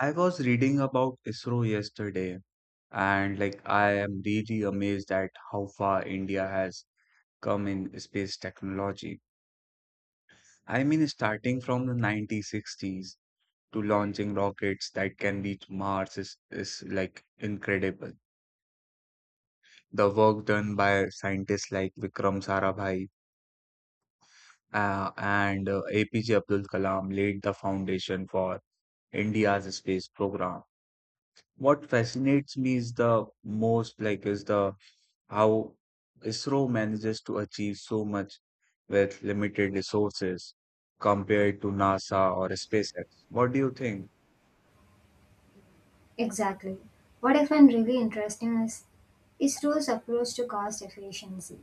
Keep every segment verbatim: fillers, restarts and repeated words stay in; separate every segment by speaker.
Speaker 1: I was reading about ISRO yesterday, and like I am really amazed at how far India has come in space technology. I mean, starting from the nineteen sixties to launching rockets that can reach Mars is, is like incredible. The work done by scientists like Vikram Sarabhai uh, and uh, A P J Abdul Kalam laid the foundation for India's space program. What fascinates me is the most like is the how ISRO manages to achieve so much with limited resources compared to NASA or SpaceX. What do you think?
Speaker 2: Exactly. What I find really interesting is ISRO's approach to cost efficiency.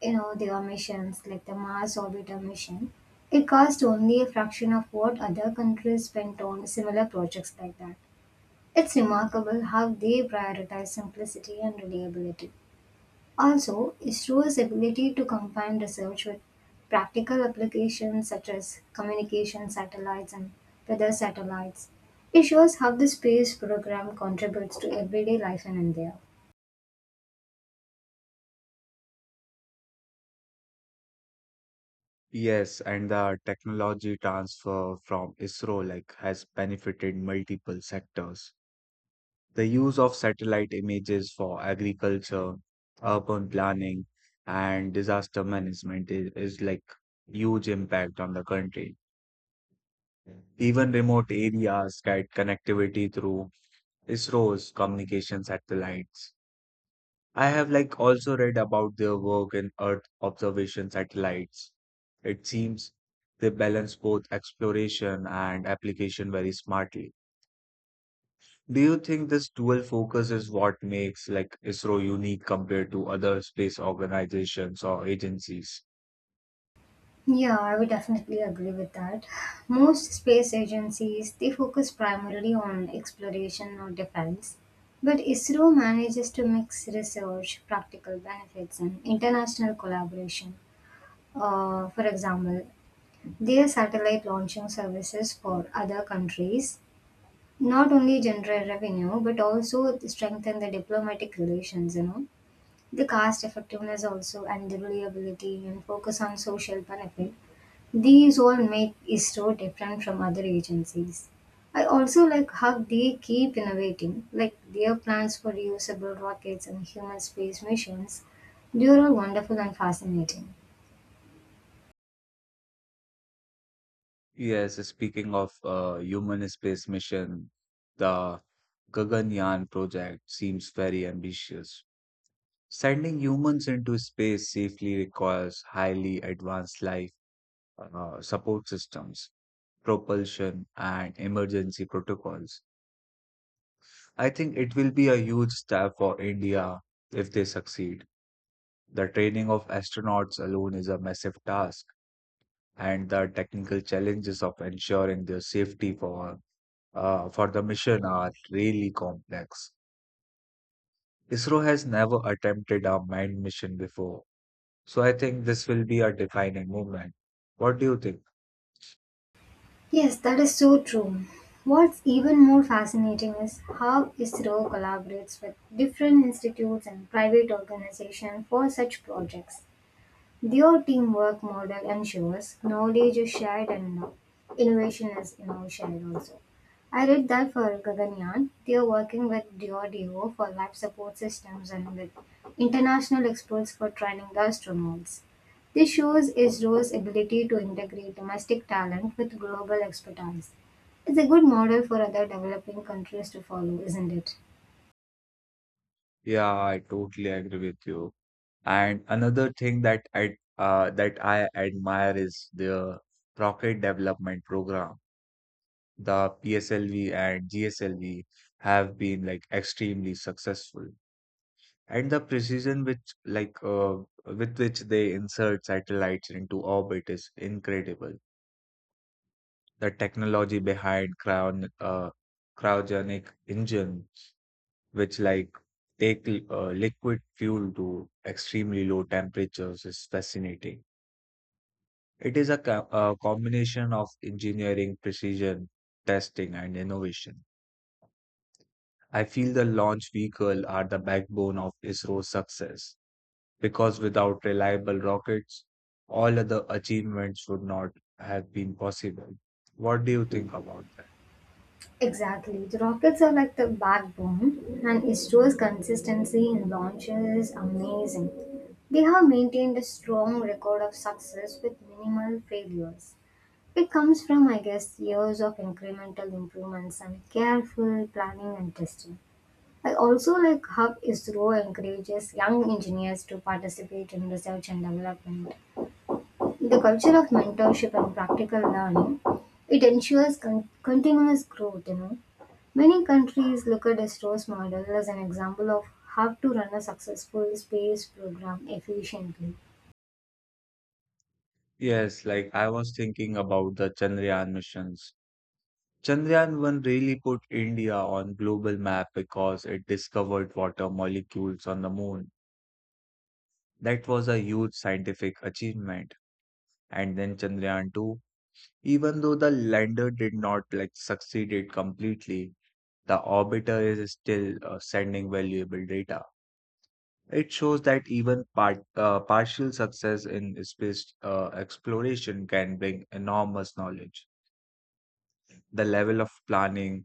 Speaker 2: You know, their missions, like the Mars orbiter mission, it cost only a fraction of what other countries spent on similar projects like that. It's remarkable how they prioritize simplicity and reliability. Also, Isro's ability to combine research with practical applications such as communication satellites and weather satellites. It shows how the space program contributes to everyday life in India.
Speaker 1: Yes, and the technology transfer from ISRO like has benefited multiple sectors. The use of satellite images for agriculture, urban planning, and disaster management is, is like huge impact on the country. Even remote areas get connectivity through ISRO's communication satellites. I have like also read about their work in Earth observation satellites. It seems they balance both exploration and application very smartly. Do you think this dual focus is what makes like ISRO unique compared to other space organizations or agencies?
Speaker 2: Yeah, I would definitely agree with that. Most space agencies they focus primarily on exploration or defense, but ISRO manages to mix research, practical benefits, and international collaboration. Uh, for example, their satellite launching services for other countries not only generate revenue but also strengthen the diplomatic relations, you know. The cost effectiveness also and the reliability and focus on social benefit these all make ISRO different from other agencies. I also like how they keep innovating, like their plans for reusable rockets and human space missions. They are all wonderful and fascinating.
Speaker 1: Yes, speaking of uh, human space mission, the Gaganyaan project seems very ambitious. Sending humans into space safely requires highly advanced life uh, support systems, propulsion, and emergency protocols. I think it will be a huge step for India if they succeed. The training of astronauts alone is a massive task, and the technical challenges of ensuring their safety for uh, for the mission are really complex. ISRO has never attempted a manned mission before, so I think this will be a defining moment. What do you think?
Speaker 2: Yes, that is so true. What's even more fascinating is how ISRO collaborates with different institutes and private organizations for such projects. Their teamwork model ensures knowledge is shared and inno- innovation is, you know, shared also. I read that for Gaganyaan, they are working with D R D O for life support systems and with international experts for training the astronauts. This shows ISRO's ability to integrate domestic talent with global expertise. It's a good model for other developing countries to follow, isn't it?
Speaker 1: Yeah, I totally agree with you. And another thing that I uh, that I admire is the rocket development program. The P S L V and G S L V have been like extremely successful, and the precision which like uh, with which they insert satellites into orbit is incredible. The technology behind Crown uh, cryogenic engine which like take li- uh, liquid fuel to extremely low temperatures is fascinating. It is a, co- a combination of engineering, precision, testing, and innovation. I feel the launch vehicle are the backbone of ISRO's success because without reliable rockets, all other achievements would not have been possible. What do you think about that?
Speaker 2: Exactly. The rockets are like the backbone, and ISRO's consistency in launches is amazing. They have maintained a strong record of success with minimal failures. It comes from, I guess, years of incremental improvements and careful planning and testing. I also like how ISRO encourages young engineers to participate in research and development. The culture of mentorship and practical learning, it ensures con- continuous growth, you know. Many countries look at Estro's model as an example of how to run a successful space program efficiently.
Speaker 1: Yes, like I was thinking about the Chandrayaan missions. Chandrayaan one really put India on global map because it discovered water molecules on the moon. That was a huge scientific achievement. And then Chandrayaan two, even though the lander did not like succeed it completely, the orbiter is still uh, sending valuable data. It shows that even part, uh, partial success in space uh, exploration can bring enormous knowledge. The level of planning,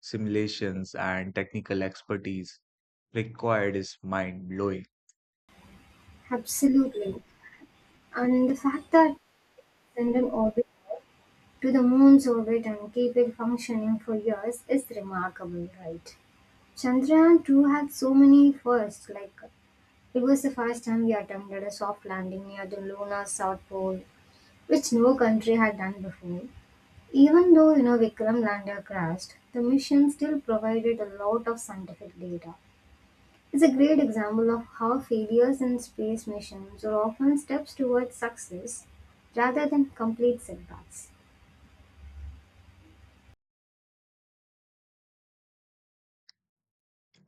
Speaker 1: simulations, and technical expertise required is mind-blowing.
Speaker 2: Absolutely. And the fact that send an orbit to the moon's orbit and keep it functioning for years is remarkable, right? Chandrayaan two had so many firsts, like it was the first time we attempted a soft landing near the lunar south pole, which no country had done before. Even though, you know, Vikram lander crashed, the mission still provided a lot of scientific data. It's a great example of how failures in space missions are often steps towards success rather than complete setbacks.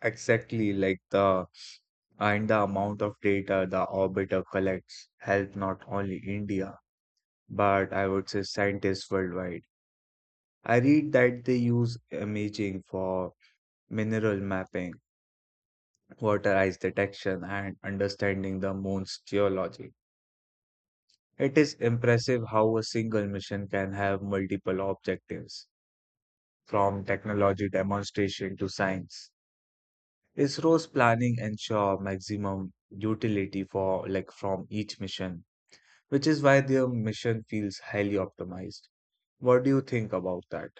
Speaker 1: Exactly like the and the amount of data the orbiter collects help not only India, but I would say scientists worldwide. I read that they use imaging for mineral mapping, water ice detection, and understanding the moon's geology. It is impressive how a single mission can have multiple objectives, from technology demonstration to science. ISRO's planning ensure maximum utility for like from each mission, which is why their mission feels highly optimized. What do you think about that?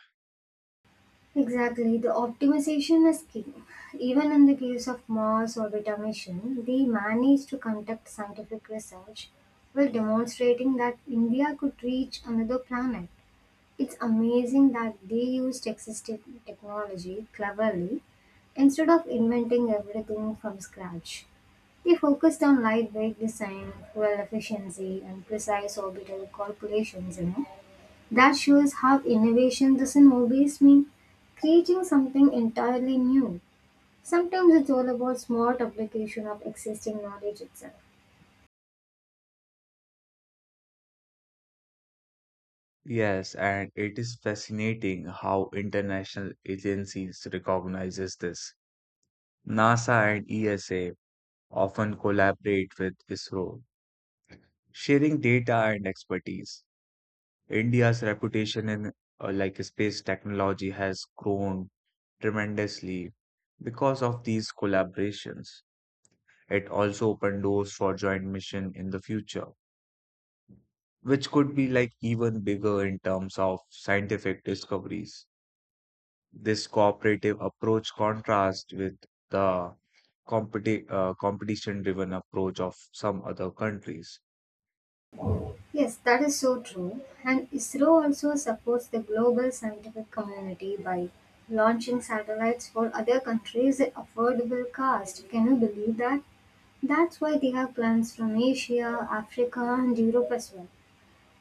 Speaker 2: Exactly, the optimization is key. Even in the case of Mars orbiter mission, they managed to conduct scientific research while demonstrating that India could reach another planet. It's amazing that they used existing technology cleverly instead of inventing everything from scratch. They focused on lightweight design, fuel efficiency, and precise orbital calculations. You know, that shows how innovation doesn't always mean creating something entirely new. Sometimes it's all about smart application of existing knowledge itself.
Speaker 1: Yes, and it is fascinating how international agencies recognizes this. NASA and E S A often collaborate with ISRO, sharing data and expertise. India's reputation in uh, like space technology has grown tremendously because of these collaborations. It also opened doors for joint mission in the future, which could be like even bigger in terms of scientific discoveries. This cooperative approach contrasts with the competi- uh, competition driven approach of some other countries.
Speaker 2: Yes, that is so true. And ISRO also supports the global scientific community by launching satellites for other countries at affordable cost. Can you believe that? That's why they have plans from Asia, Africa, and Europe as well.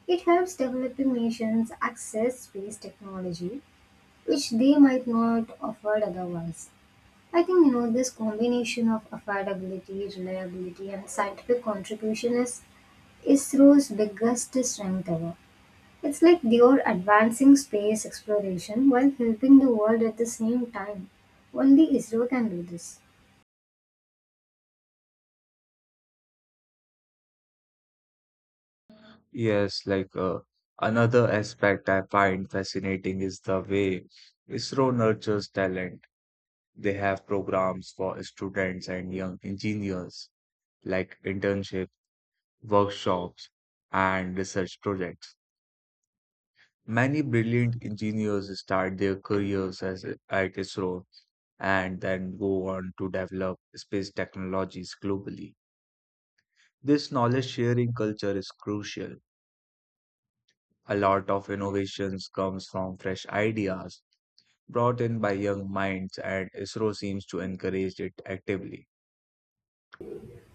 Speaker 2: It helps developing nations access space technology, which they might not afford otherwise. I think, you know, this combination of affordability, reliability, and scientific contribution is ISRO's biggest strength ever. It's like they're advancing space exploration while helping the world at the same time. Only Israel can do this.
Speaker 1: Yes, like uh, another aspect I find fascinating is the way ISRO nurtures talent. They have programs for students and young engineers like internship, workshops, and research projects. Many brilliant engineers start their careers as, at ISRO and then go on to develop space technologies globally. This knowledge sharing culture is crucial. A lot of innovations comes from fresh ideas brought in by young minds and ISRO seems to encourage it actively.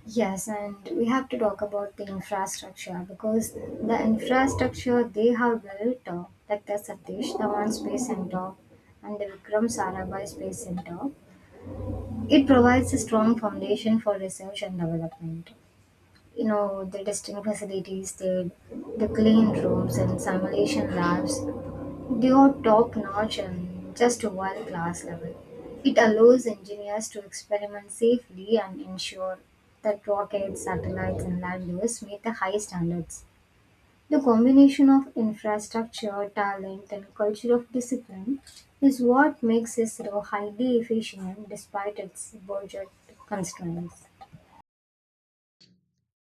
Speaker 2: Yes, and we have to talk about the infrastructure because the infrastructure they have built, uh, like the Satish Dhawan Space Center and the Vikram Sarabhai Space Center, it provides a strong foundation for research and development. You know, the testing facilities, the, the clean rooms and simulation labs, they are top-notch and just world-class level. It allows engineers to experiment safely and ensure that rockets, satellites, and landers meet the high standards. The combination of infrastructure, talent, and culture of discipline is what makes ISRO highly efficient despite its budget constraints.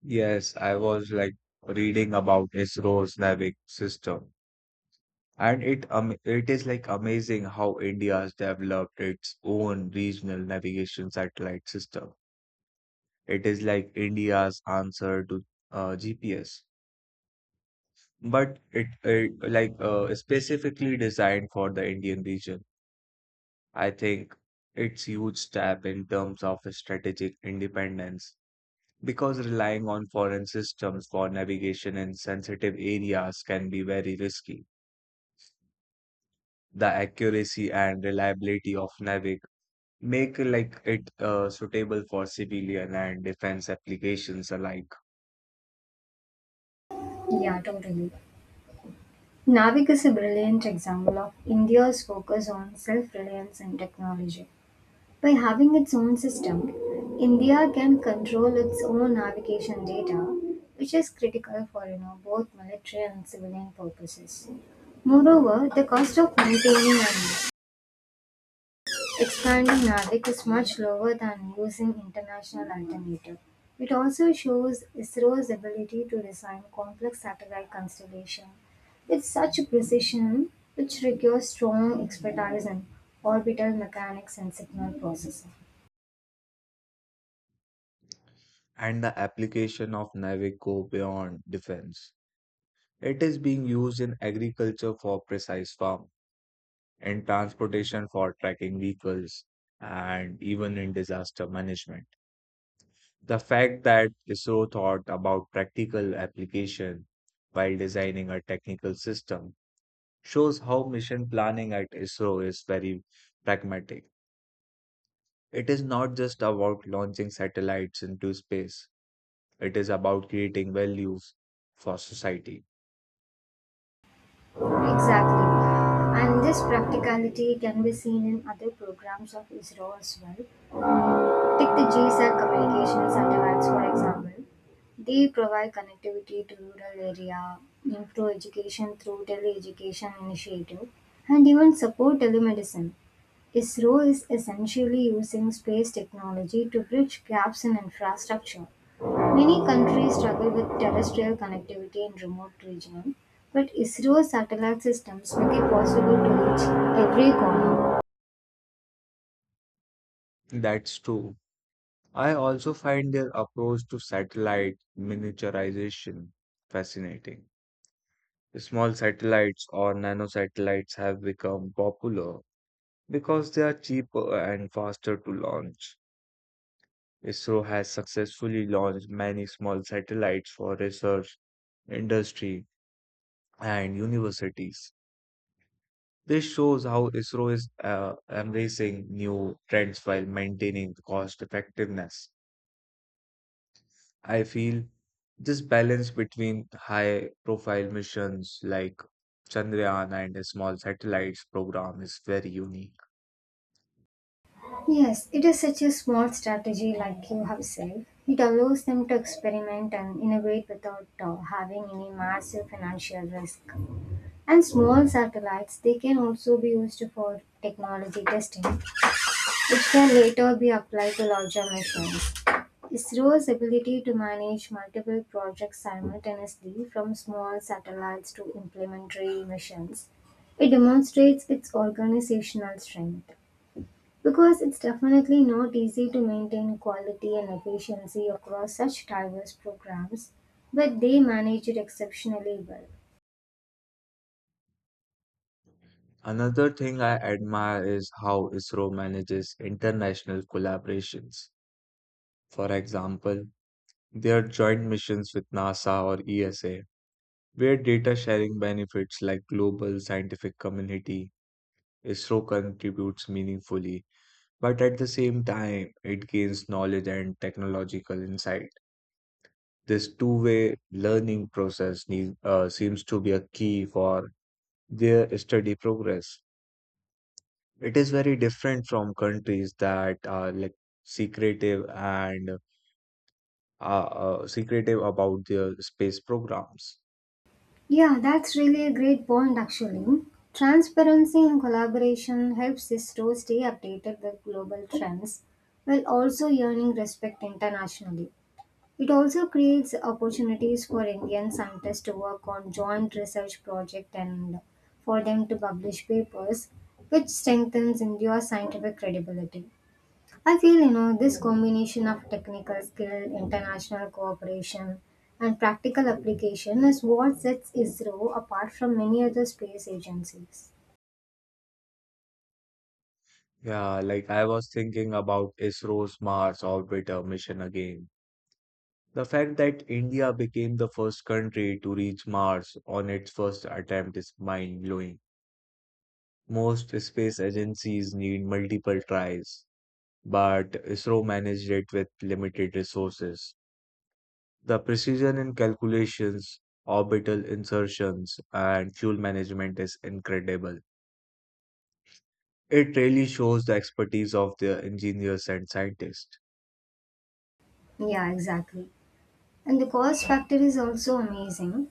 Speaker 1: Yes, I was like reading about ISRO's Navic system, and it um, it is like amazing how India has developed its own regional navigation satellite system. It is like India's answer to uh, G P S, but it, it like uh, specifically designed for the Indian region. I think it's huge step in terms of strategic independence because relying on foreign systems for navigation in sensitive areas can be very risky. The accuracy and reliability of Navic make like it uh, suitable for civilian and defense applications alike.
Speaker 2: Yeah, totally. Navik is a brilliant example of India's focus on self reliance and technology. By having its own system, India can control its own navigation data, which is critical for, you know, both military and civilian purposes. Moreover, the cost of maintaining and expanding NAVIC is much lower than using international alternative. It also shows ISRO's ability to design complex satellite constellation with such precision, which requires strong expertise in orbital mechanics and signal processing.
Speaker 1: And the application of Navic go beyond defense. It is being used in agriculture for precise farm, in transportation for tracking vehicles, and even in disaster management. The fact that ISRO thought about practical application while designing a technical system shows how mission planning at ISRO is very pragmatic. It is not just about launching satellites into space, it is about creating values for society.
Speaker 2: Exactly. And this practicality can be seen in other programs of ISRO as well. Take the GSAC communication satellites for example. They provide connectivity to rural area, improve education through tele-education initiative, and even support telemedicine. ISRO is essentially using space technology to bridge gaps in infrastructure. Many countries struggle with terrestrial connectivity in remote regions, but ISRO's satellite systems make it possible to reach every corner.
Speaker 1: That's true. I also find their approach to satellite miniaturization fascinating. Small satellites or nanosatellites have become popular because they are cheaper and faster to launch. ISRO has successfully launched many small satellites for research, industry, and universities. This shows how ISRO is uh, embracing new trends while maintaining cost effectiveness. I feel this balance between high profile missions like Chandrayaan and a small satellites program is very unique.
Speaker 2: Yes, it is such a smart strategy, like you have said. It allows them to experiment and innovate without uh, having any massive financial risk. And small satellites, they can also be used for technology testing, which can later be applied to larger missions. ISRO's ability to manage multiple projects simultaneously, from small satellites to implementary missions, it demonstrates its organizational strength. Because it's definitely not easy to maintain quality and efficiency across such diverse programs, but they manage it exceptionally well.
Speaker 1: Another thing I admire is how ISRO manages international collaborations. For example, their joint missions with NASA or E S A, where data sharing benefits like global scientific community, ISRO contributes meaningfully, but at the same time, it gains knowledge and technological insight. This two-way learning process need, uh, seems to be a key for their study progress. It is very different from countries that are like secretive and uh, uh, secretive about their space programs.
Speaker 2: Yeah, that's really a great point actually. Transparency and collaboration helps ISRO stay updated with global trends while also earning respect internationally. It also creates opportunities for Indian scientists to work on joint research projects and for them to publish papers, which strengthens India's scientific credibility. I feel, you know, this combination of technical skill, international cooperation, and practical application is what sets ISRO apart from many other space agencies.
Speaker 1: Yeah, like I was thinking about ISRO's Mars orbiter mission again. The fact that India became the first country to reach Mars on its first attempt is mind-blowing. Most space agencies need multiple tries, but ISRO managed it with limited resources. The precision in calculations, orbital insertions, and fuel management is incredible. It really shows the expertise of the engineers and scientists.
Speaker 2: Yeah, exactly. And the cost factor is also amazing.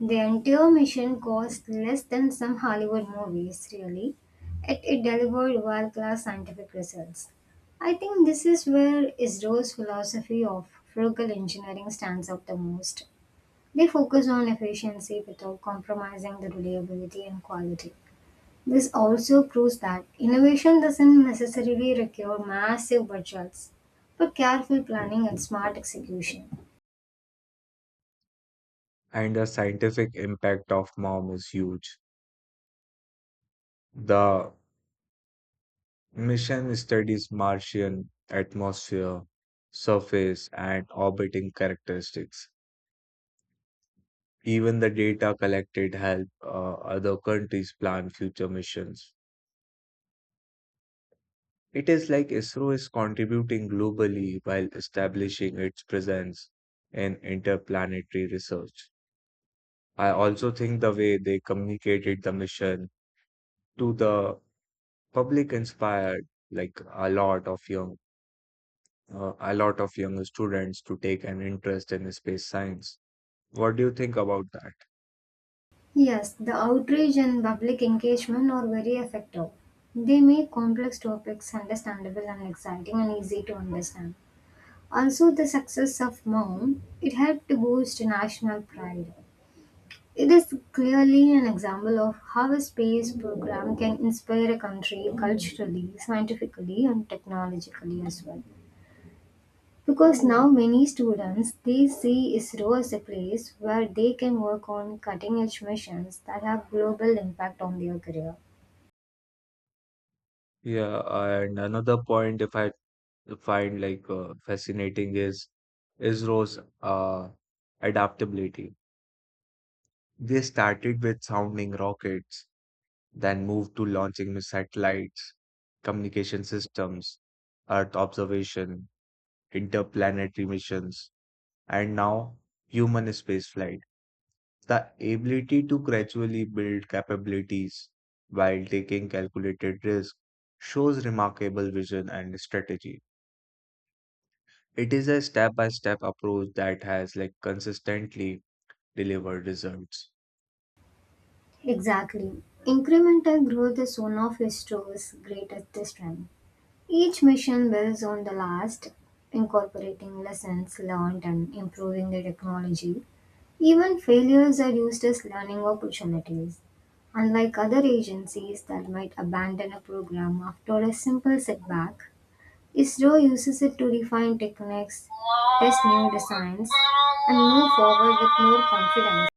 Speaker 2: The entire mission cost less than some Hollywood movies, really. It, it delivered world class scientific results. I think this is where ISRO's philosophy of frugal engineering stands out the most. They focus on efficiency without compromising the reliability and quality. This also proves that innovation doesn't necessarily require massive budgets, but careful planning and smart execution.
Speaker 1: And the scientific impact of M O M is huge. The mission studies Martian atmosphere, surface, and orbiting characteristics. Even the data collected help uh, other countries plan future missions. It is like ISRO is contributing globally while establishing its presence in interplanetary research. I also think the way they communicated the mission to the public inspired like a lot of young uh, a lot of young students to take an interest in space science. What do you think about that?
Speaker 2: Yes, the outreach and public engagement are very effective. They make complex topics understandable and exciting and easy to understand. Also, the success of MOUM, it helped to boost national pride. It is clearly an example of how a space program can inspire a country culturally, scientifically, and technologically as well. Because now many students they see ISRO as a place where they can work on cutting edge missions that have global impact on their career.
Speaker 1: Yeah, and another point if I find like uh, fascinating is ISRO's uh, adaptability. They started with sounding rockets, then moved to launching new satellites, communication systems, Earth observation, interplanetary missions, and now human spaceflight. The ability to gradually build capabilities while taking calculated risk shows remarkable vision and strategy. It is a step by step approach that has like consistently delivered results.
Speaker 2: Exactly. Incremental growth is one of ISRO's greatest strengths. Each mission builds on the last, incorporating lessons learned and improving the technology. Even failures are used as learning opportunities. Unlike other agencies that might abandon a program after a simple setback, ISRO uses it to refine techniques, test new designs, and move forward with more confidence.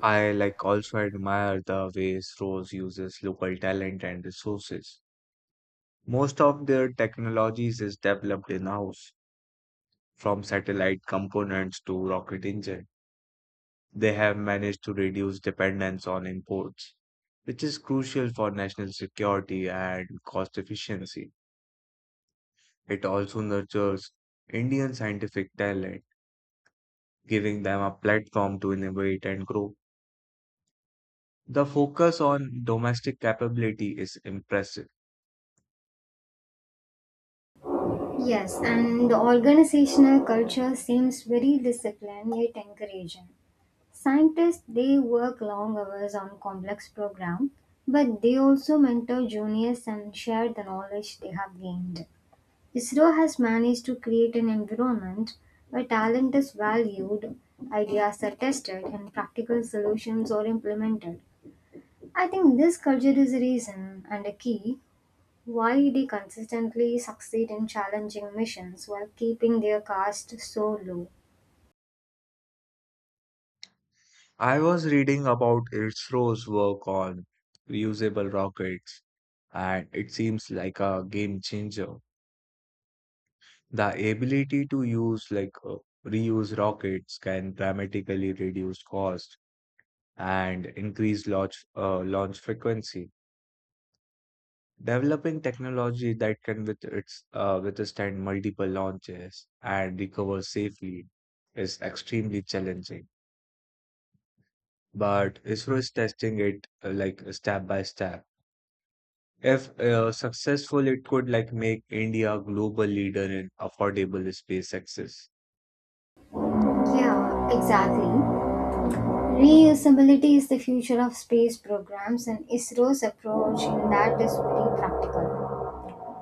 Speaker 1: I like also admire the ways Rose uses local talent and resources. Most of their technologies is developed in-house, from satellite components to rocket engine. They have managed to reduce dependence on imports, which is crucial for national security and cost efficiency. It also nurtures Indian scientific talent, giving them a platform to innovate and grow. The focus on domestic capability is impressive.
Speaker 2: Yes, and the organizational culture seems very disciplined yet encouraging. Scientists they work long hours on complex programs, but they also mentor juniors and share the knowledge they have gained. ISRO has managed to create an environment where talent is valued, ideas are tested, and practical solutions are implemented. I think this culture is a reason and a key why they consistently succeed in challenging missions while keeping their caste so low.
Speaker 1: I was reading about Isro's work on reusable rockets, and it seems like a game changer. The ability to use like uh, reuse rockets can dramatically reduce cost and increase launch uh, launch frequency. Developing technology that can with its uh, withstand multiple launches and recover safely is extremely challenging. But ISRO is testing it uh, like step by step. If uh, successful, it could like make India a global leader in affordable space access.
Speaker 2: Yeah, exactly. Reusability is the future of space programs, and ISRO's approach in that is very practical.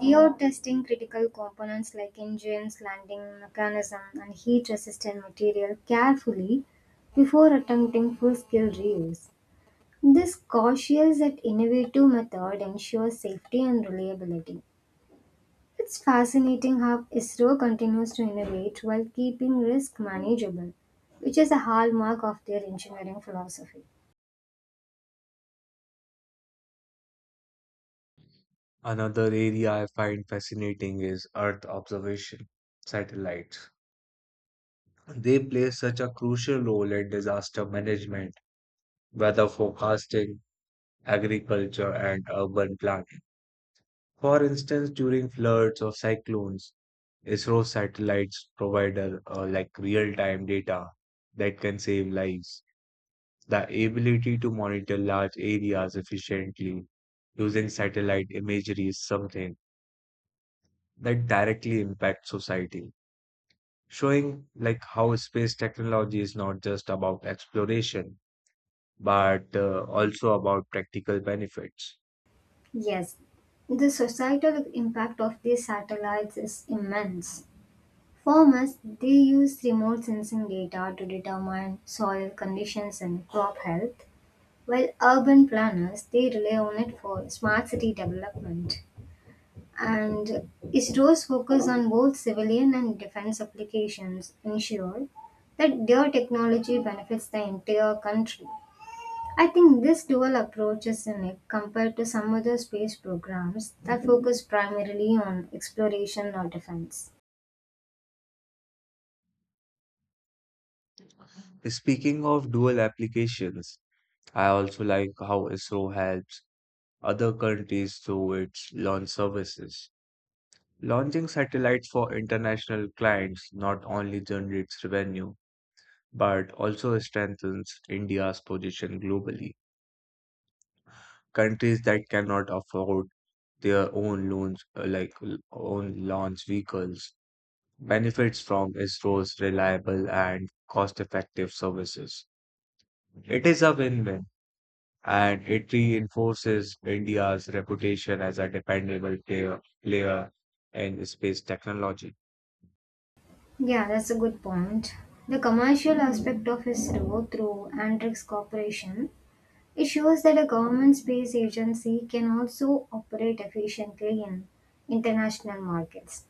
Speaker 2: They are testing critical components like engines, landing mechanism, and heat resistant material carefully before attempting full scale reuse. This cautious yet innovative method ensures safety and reliability. It's fascinating how ISRO continues to innovate while keeping risk manageable, which is a hallmark of their engineering philosophy.
Speaker 1: Another area I find fascinating is Earth observation satellites. They play such a crucial role in disaster management, weather forecasting, agriculture, and urban planning. For instance, during floods or cyclones, ISRO satellites provide uh, uh, like real-time data that can save lives. The ability to monitor large areas efficiently using satellite imagery is something that directly impacts society, showing like how space technology is not just about exploration but uh, also about practical benefits.
Speaker 2: Yes, the societal impact of these satellites is immense. Farmers, they use remote sensing data to determine soil conditions and crop health, while urban planners, they rely on it for smart city development. And ISRO's focus on both civilian and defense applications ensure that their technology benefits the entire country. I think this dual approach is unique compared to some other space programs that focus primarily on exploration or defense.
Speaker 1: Speaking of dual applications, I also like how ISRO helps other countries through its launch services. Launching satellites for international clients not only generates revenue but also strengthens India's position globally. Countries that cannot afford their own loans, uh, like l- own launch vehicles, benefits from ISRO's reliable and cost-effective services. It is a win-win, and it reinforces India's reputation as a dependable player, player in space technology.
Speaker 2: Yeah, that's a good point. The commercial aspect of ISRO through Andrix Corporation, it shows that a government space agency can also operate efficiently in international markets.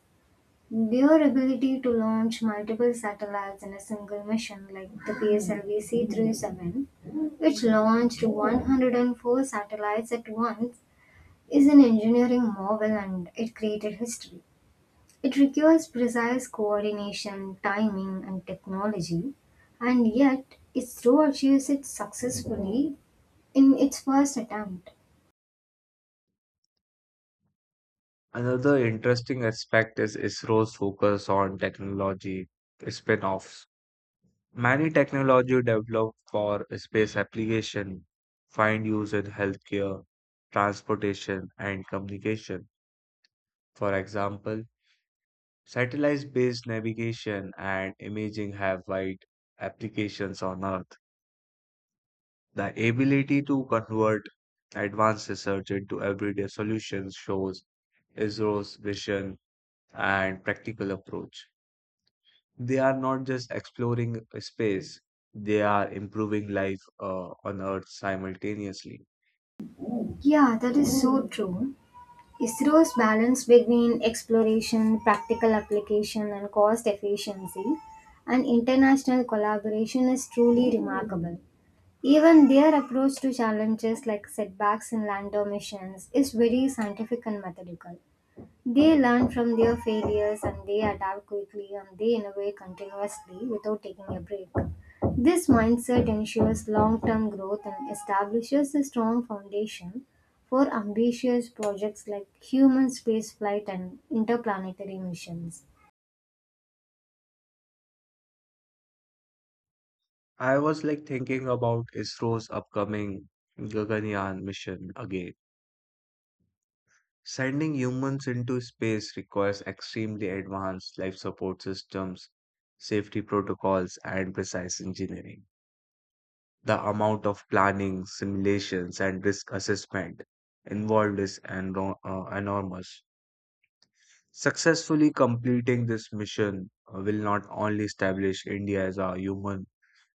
Speaker 2: Their ability to launch multiple satellites in a single mission, like the P S L V C thirty-seven, which launched one hundred four satellites at once, is an engineering marvel and it created history. It requires precise coordination, timing, and technology, and yet ISRO achieves it successfully in its first attempt.
Speaker 1: Another interesting aspect is ISRO's focus on technology spin-offs. Many technology developed for space application find use in healthcare, transportation, and communication. For example, satellite-based navigation and imaging have wide applications on Earth. The ability to convert advanced research into everyday solutions shows ISRO's vision and practical approach. They are not just exploring space, they are improving life uh, on Earth simultaneously.
Speaker 2: Yeah, that is so true. ISRO's balance between exploration, practical application, and cost efficiency and international collaboration is truly remarkable. Even their approach to challenges like setbacks in lander missions is very scientific and methodical. They learn from their failures and they adapt quickly and they innovate continuously without taking a break. This mindset ensures long term growth and establishes a strong foundation for ambitious projects like human spaceflight and interplanetary missions.
Speaker 1: I was like thinking about ISRO's upcoming Gaganyaan mission again. Sending humans into space requires extremely advanced life support systems, safety protocols, and precise engineering. The amount of planning, simulations, and risk assessment involved is enro- uh, enormous. Successfully completing this mission uh, will not only establish India as a human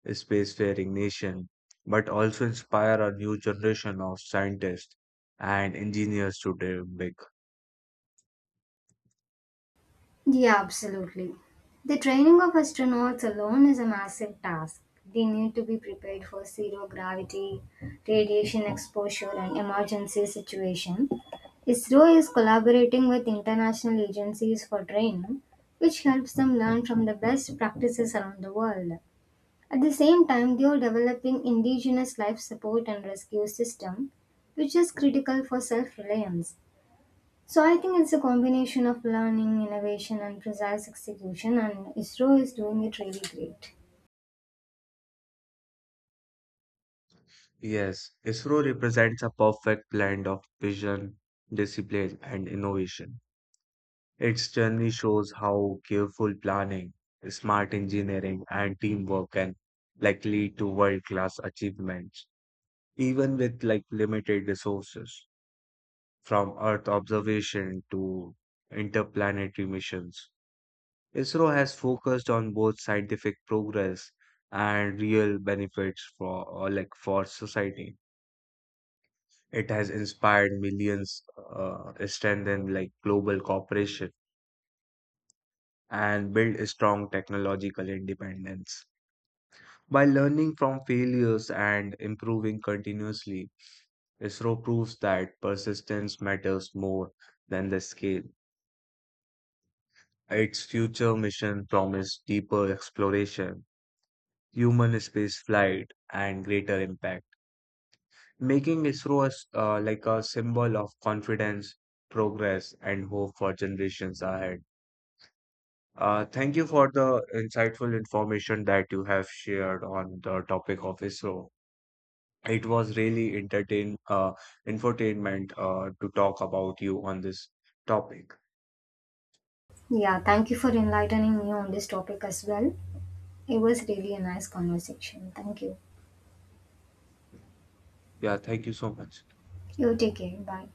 Speaker 1: spacefaring nation, but also inspire a new generation of scientists and engineers to dream big.
Speaker 2: Yeah, absolutely. The training of astronauts alone is a massive task. They need to be prepared for zero gravity, radiation exposure, and emergency situation. ISRO is collaborating with international agencies for training, which helps them learn from the best practices around the world. At the same time, they are developing indigenous life support and rescue system, which is critical for self-reliance. So I think it's a combination of learning, innovation, and precise execution, and ISRO is doing it really great.
Speaker 1: Yes, ISRO represents a perfect blend of vision, discipline, and innovation. Its journey shows how careful planning, smart engineering, and teamwork can like lead to world-class achievements, even with like limited resources. From Earth observation to interplanetary missions, ISRO has focused on both scientific progress and real benefits for or like for society. It has inspired millions, uh, strengthened like global cooperation, and built a strong technological independence. By learning from failures and improving continuously, ISRO proves that persistence matters more than the scale. Its future mission promised deeper exploration, human spaceflight, and greater impact, making ISRO as, uh, like a symbol of confidence, progress, and hope for generations ahead. Uh, thank you for the insightful information that you have shared on the topic of ISRO. It was really entertain, uh, infotainment, uh, to talk about you on this topic.
Speaker 2: Yeah, thank you for enlightening me on this topic as well. It was really a nice conversation. Thank you.
Speaker 1: Yeah, thank you so much.
Speaker 2: You take care. Bye.